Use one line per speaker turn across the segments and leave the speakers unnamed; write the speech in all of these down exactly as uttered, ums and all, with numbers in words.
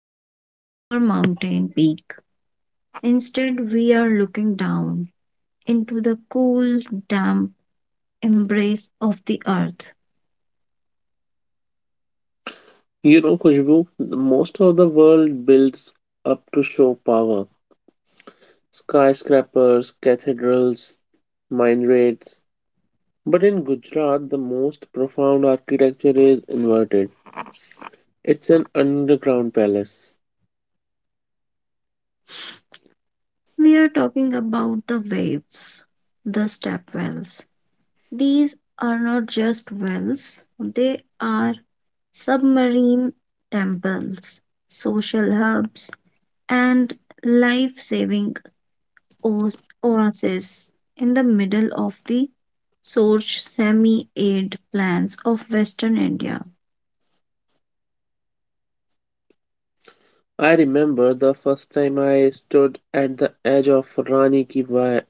towers or mountain peak. Instead, we are looking down into the cool, damp embrace of the earth.
You know, Khushbu, most of the world builds up to show power. Skyscrapers, cathedrals, mine raids. But in Gujarat, the most profound architecture is inverted. It's an underground palace.
We are talking about the waves, the stepwells. These are not just wells, they are submarine temples, social hubs, and life saving oases in the middle of the Sorch semi arid plains of western India.
I remember the first time I stood at the edge of Rani Ki Wa-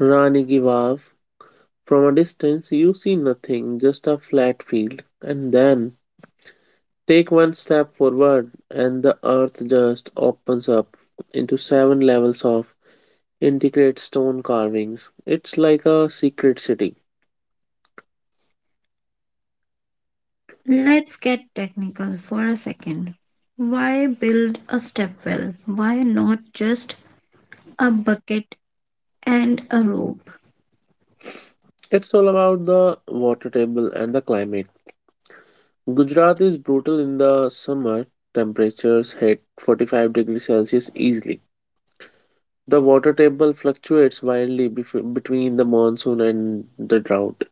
Rani Ki Vav. From a distance, you see nothing, just a flat field. And then take one step forward, and the earth just opens up into seven levels of intricate stone carvings. It's like a secret city.
Let's get technical for a second. Why build a stepwell? Why not just a bucket and a rope?
It's all about the water table and the climate. Gujarat is brutal in the summer. Temperatures hit forty-five degrees Celsius easily. The water table fluctuates wildly bef- between the monsoon and the drought.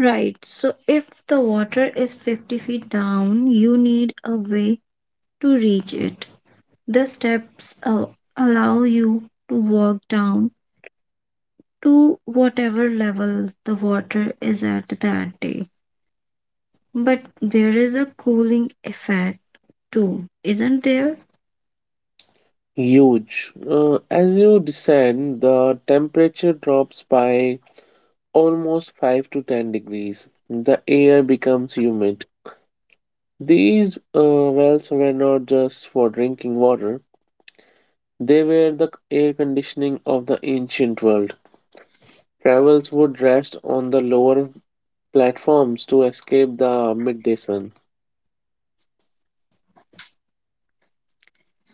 Right, so if the water is fifty feet down, you need a way to reach it. The steps uh, allow you to walk down to whatever level the water is at that day. But there is a cooling effect too, isn't there?
Huge. Uh, as you descend, the temperature drops by almost five to ten degrees. The air becomes humid. These uh, wells were not just for drinking water, they were the air conditioning of the ancient world. Travels would rest on the lower platforms to escape the midday sun.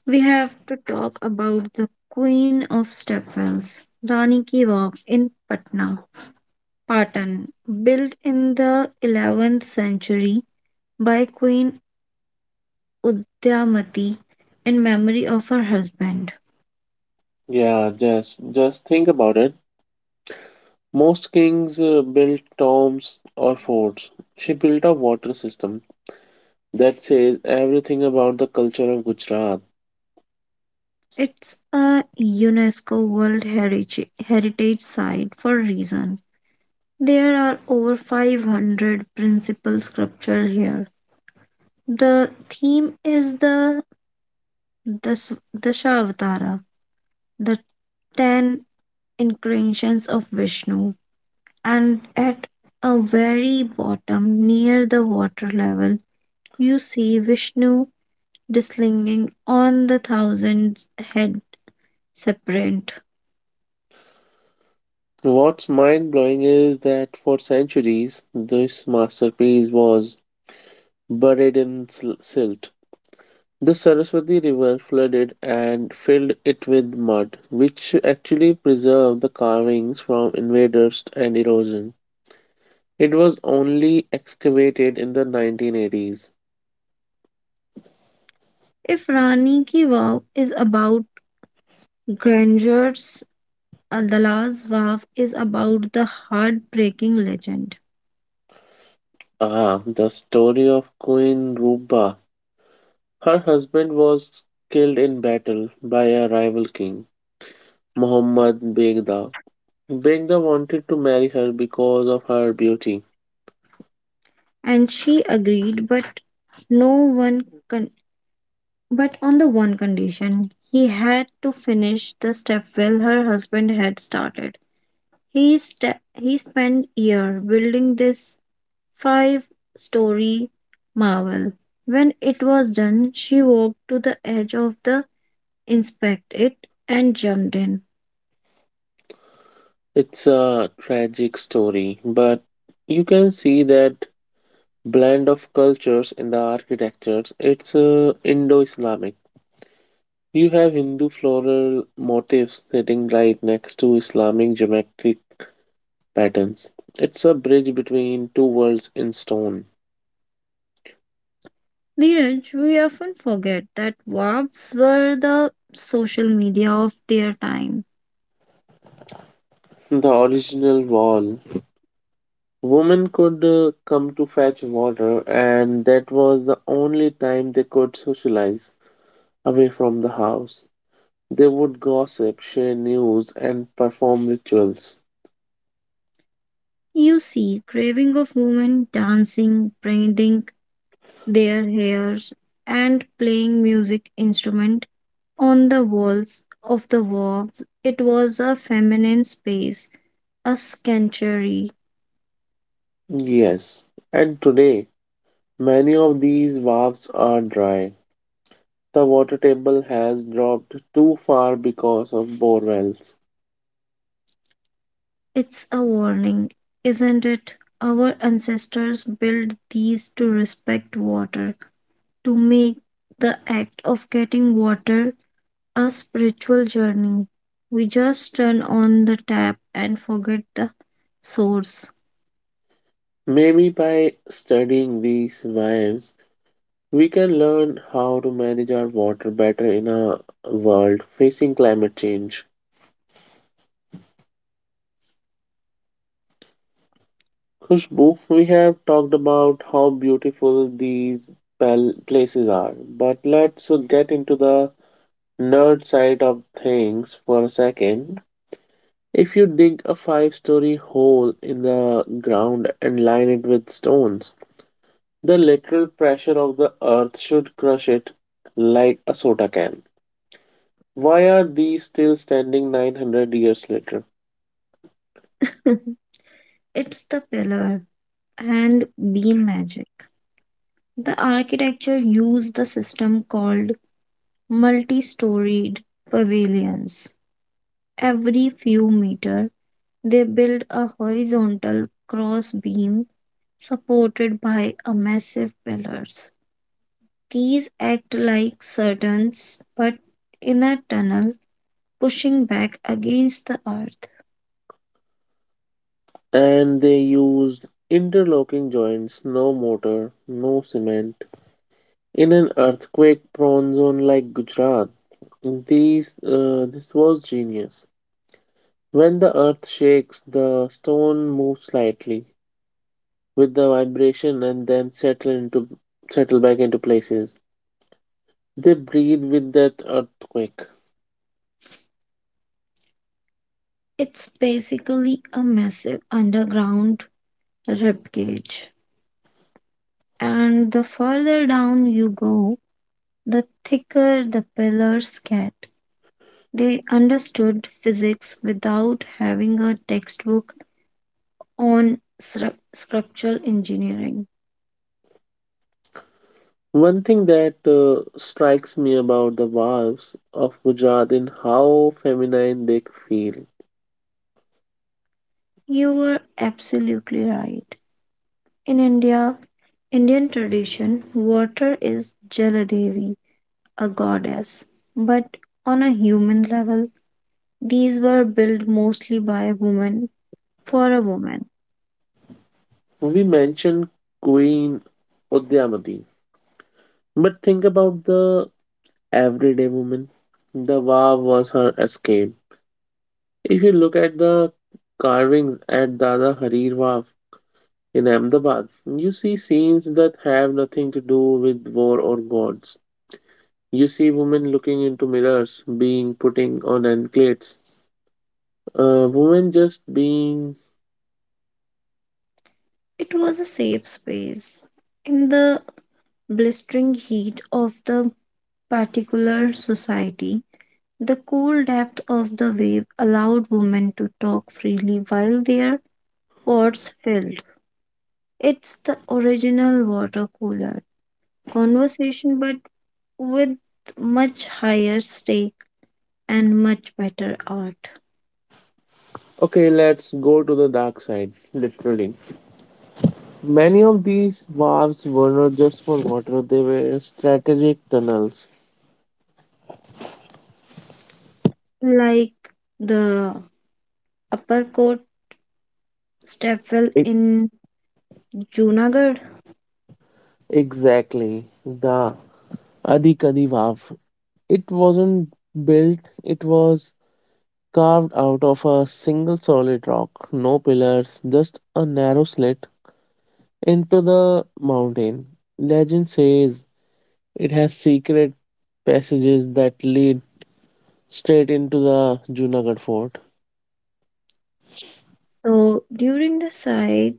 We have to talk about the queen of stepwells, Rani Ki Vav in Patna, Patan, built in the eleventh century by Queen Udyamati in memory of her husband.
Yeah, just just think about it. Most kings uh, built tombs or forts. She built a water system that says everything about the culture of Gujarat.
It's a UNESCO World Heritage Heritage Site for a reason. There are over five hundred principal sculptures here. The theme is the Dash- Dashavatara, the ten incarnations of Vishnu. And at a very bottom, near the water level, you see Vishnu dislinging on the thousand head serpent.
What's mind blowing is that for centuries this masterpiece was buried in sil- silt. The Saraswati River flooded and filled it with mud, which actually preserved the carvings from invaders and erosion. It was only excavated in the nineteen eighties.
If Rani Ki Vav is about Granger's uh, The Last Waff is about the heartbreaking legend.
Ah, the story of Queen Ruba. Her husband was killed in battle by a rival king, Muhammad Begda. Brenda wanted to marry her because of her beauty.
And she agreed, but no one con- but on the one condition. He had to finish the stepwell her husband had started. He sta he spent year building this five-story marvel. When it was done, she walked to the edge of the inspect it and jumped in.
It's a tragic story, but you can see that blend of cultures in the architectures. It's uh, Indo Islamic. You have Hindu floral motifs sitting right next to Islamic geometric patterns. It's a bridge between two worlds in stone.
Neeraj, we often forget that W A Ps were the social media of their time.
The original wall. Women could uh, come to fetch water, and that was the only time they could socialize away from the house. They would gossip, share news, and perform rituals.
You see, craving of women dancing, braiding their hairs, and playing music instrument on the walls of the W A Ps. It was a feminine space, a sanctuary.
Yes, and today many of these valves are dry. The water table has dropped too far because of bore wells.
It's a warning, isn't it? Our ancestors built these to respect water, to make the act of getting water a spiritual journey. We just turn on the tap and forget the source.
Maybe by studying these valves, we can learn how to manage our water better in a world facing climate change. Khushbu, we have talked about how beautiful these pal- places are, but let's get into the nerd side of things for a second. If you dig a five story hole in the ground and line it with stones, the lateral pressure of the earth should crush it like a soda can. Why are these still standing nine hundred years later?
It's the pillar and beam magic. The architecture used the system called multi storied pavilions. Every few meter, they build a horizontal cross beam supported by a massive pillars. These act like curtains but in a tunnel pushing back against the earth.
And they used interlocking joints, no mortar, no cement. In an earthquake-prone zone like Gujarat, these, uh, this was genius. When the earth shakes, the stone moves slightly with the vibration and then settle into settle back into places. They breathe with that earthquake.
It's basically a massive underground ribcage. And the further down you go, the thicker the pillars get. They understood physics without having a textbook on stru- structural engineering.
One thing that uh, strikes me about the valves of Gujarat in how feminine they feel.
You were absolutely right. In India, Indian tradition, water is Jaladevi, a goddess, but on a human level, these were built mostly by women for a woman.
We mentioned Queen Udyamati, but think about the everyday woman. The Vav was her escape. If you look at the carvings at Dada Harir Vav in Ahmedabad, you see scenes that have nothing to do with war or gods. You see women looking into mirrors, being putting on anklets. Uh, women just being.
It was a safe space. In the blistering heat of the particular society, the cool depth of the wave allowed women to talk freely while their pots filled. It's the original water cooler conversation, but with much higher stake and much better art.
Okay, let's go to the dark side, literally. Many of these valves were not just for water; they were strategic tunnels.
Like the uppercourt stepwell
It,
in Junagadh.
Exactly. The Adi Kadivav. It wasn't built, it was carved out of a single solid rock, no pillars, just a narrow slit into the mountain. Legend says it has secret passages that lead straight into the Junagadh fort.
So during the siege,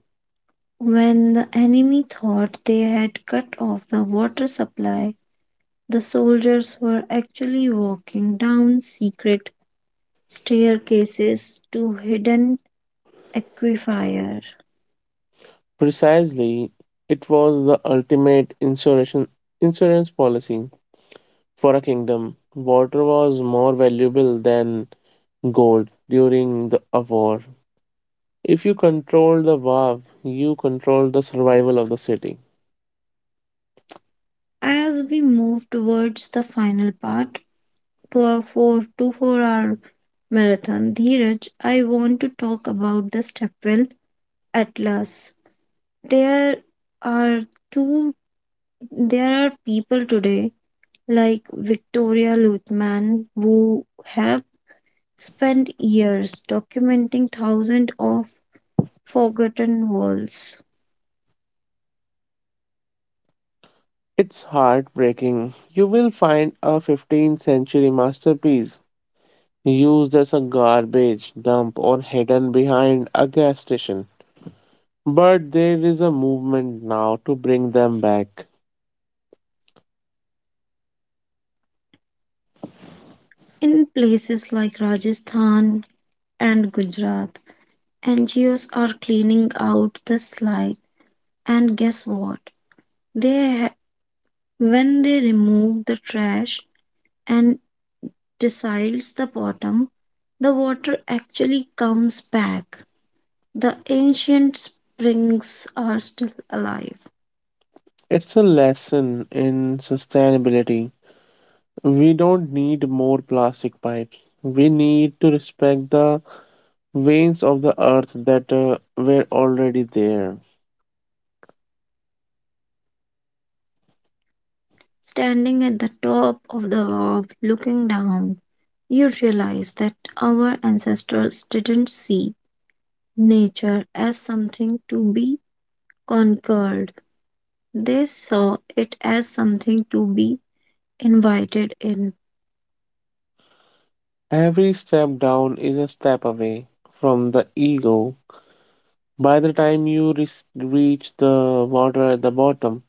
when the enemy thought they had cut off the water supply, the soldiers were actually walking down secret staircases to hidden aquifer.
Precisely, it was the ultimate insurrection insurance policy for a kingdom. Water was more valuable than gold during the a war. If you control the valve, you control the survival of the city.
As we move towards the final part to our four to four hour marathon, Dheeraj, I want to talk about the stepwell atlas. There are two there are people today like Victoria Luthman, who have spent years documenting thousands of forgotten worlds.
It's heartbreaking. You will find a fifteenth century masterpiece used as a garbage dump or hidden behind a gas station. But there is a movement now to bring them back.
In places like Rajasthan and Gujarat, N G Os are cleaning out the slide, and guess what? They ha- when they remove the trash and decides the bottom, the water actually comes back. The ancient springs are still alive.
It's a lesson in sustainability. We don't need more plastic pipes. We need to respect the veins of the earth that uh, were already there.
Standing at the top of the wharf looking down, you realize that our ancestors didn't see nature as something to be conquered. They saw it as something to be invited in.
Every step down is a step away from the ego. By the time you res- reach the water at the bottom,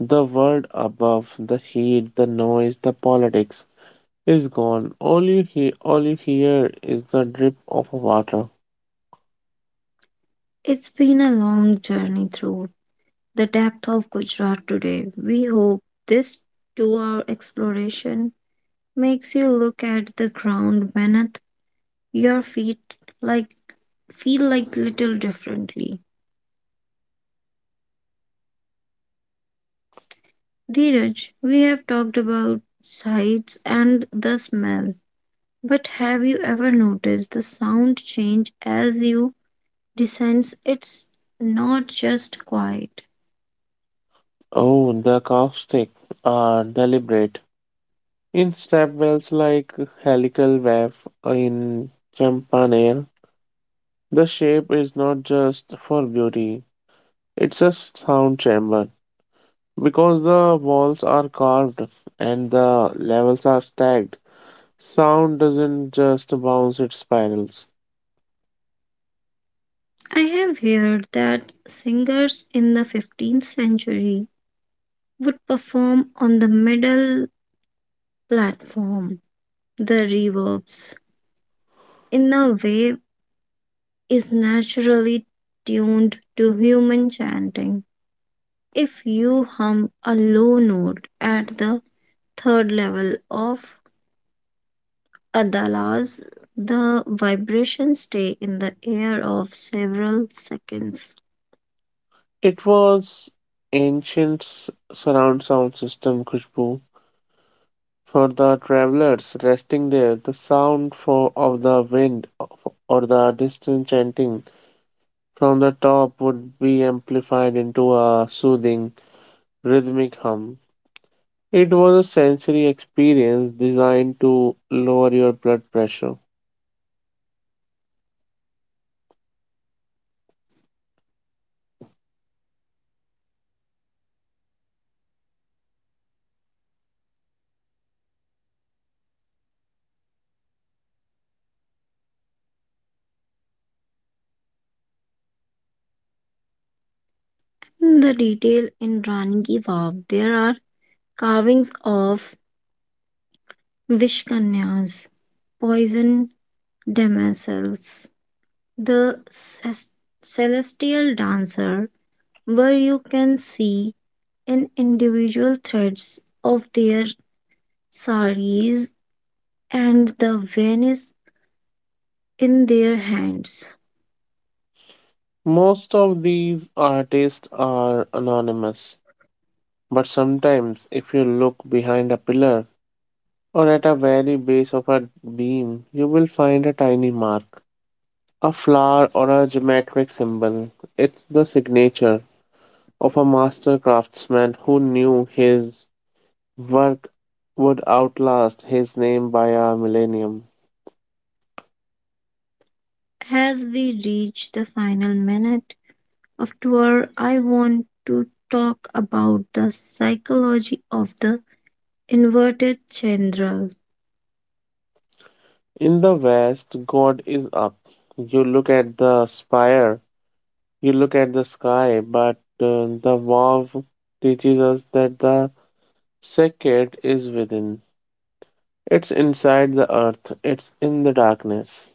the world above, the heat, the noise, the politics is gone. All you hear, all you hear is the drip of water.
It's been a long journey through the depth of Gujarat today. We hope this two hour exploration makes you look at the ground beneath your feet like feel like little differently. Dheeraj, we have talked about sights and the smell, but have you ever noticed the sound change as you descend? It's not just quiet.
Oh, the caustic are deliberate. In step wells like helical wave in Champaner, the shape is not just for beauty; it's a sound chamber. Because the walls are carved and the levels are stacked, sound doesn't just bounce, it spirals.
I have heard that singers in the fifteenth century would perform on the middle platform. The reverbs, in a way, is naturally tuned to human chanting. If you hum a low note at the third level of Adalas, the vibrations stay in the air of several seconds.
It was ancient s- surround sound system, Khushbu. For the travelers resting there, the sound for, of the wind or the distant chanting from the top would be amplified into a soothing, rhythmic hum. It was a sensory experience designed to lower your blood pressure.
In the detail in Rani Ki Vav, there are carvings of Vishkanyas, poison demoiselles, the ces- celestial dancer, where you can see in individual threads of their saris and the Venus in their hands.
Most of these artists are anonymous, but sometimes, if you look behind a pillar or at a very base of a beam, you will find a tiny mark, a flower, or a geometric symbol. It's the signature of a master craftsman who knew his work would outlast his name by a millennium.
As we reach the final minute of tour, I want to talk about the psychology of the inverted chandral.
In the West, God is up. You look at the spire. You look at the sky, but uh, the Vav teaches us that the sacred is within. It's inside the earth, it's in the darkness.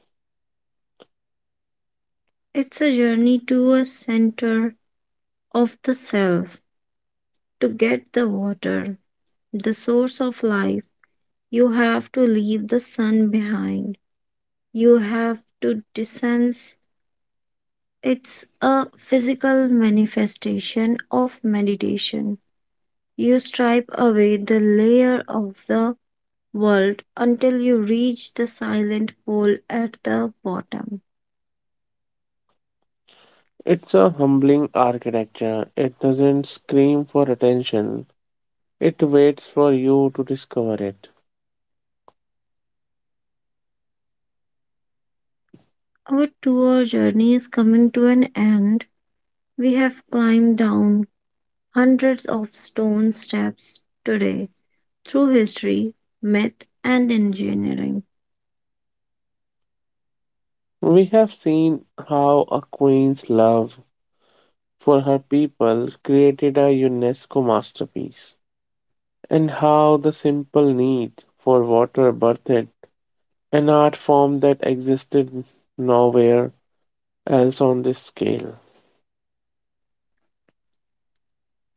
It's a journey to a center of the self to get the water, the source of life. You have to leave the sun behind. You have to descend. It's a physical manifestation of meditation. You stripe away the layer of the world until you reach the silent pole at the bottom.
It's a humbling architecture. It doesn't scream for attention, it waits for you to discover it.
Our tour journey is coming to an end. We have climbed down hundreds of stone steps today through history, myth, and engineering.
We have seen how a queen's love for her people created a UNESCO masterpiece, and how the simple need for water birthed an art form that existed nowhere else on this scale.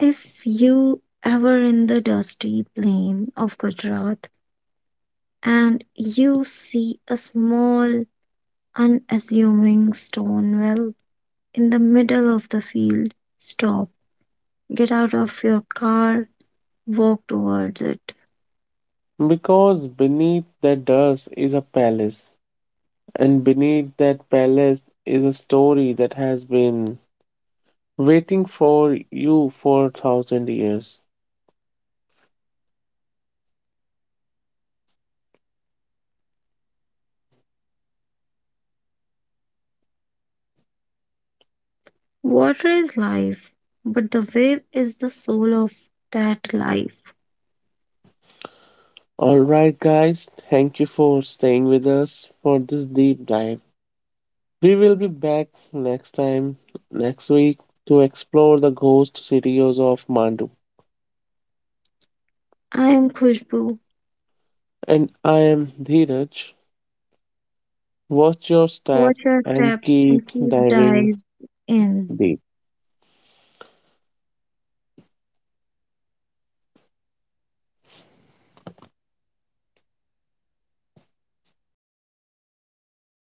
If you ever in the dusty plain of Gujarat and you see a small, unassuming stone well in the middle of the field, stop. Get out of your car, walk towards it.
Because beneath that dust is a palace, and beneath that palace is a story that has been waiting for you for a thousand years.
Water is life, but the wave is the soul of that life.
Alright, guys, thank you for staying with us for this deep dive. We will be back next time, next week, to explore the ghost cities of Mandu.
I am Khushbu.
And I am Dheeraj. Watch your step
Watch your
and
step and
keep
keep
diving
dive in.
deep.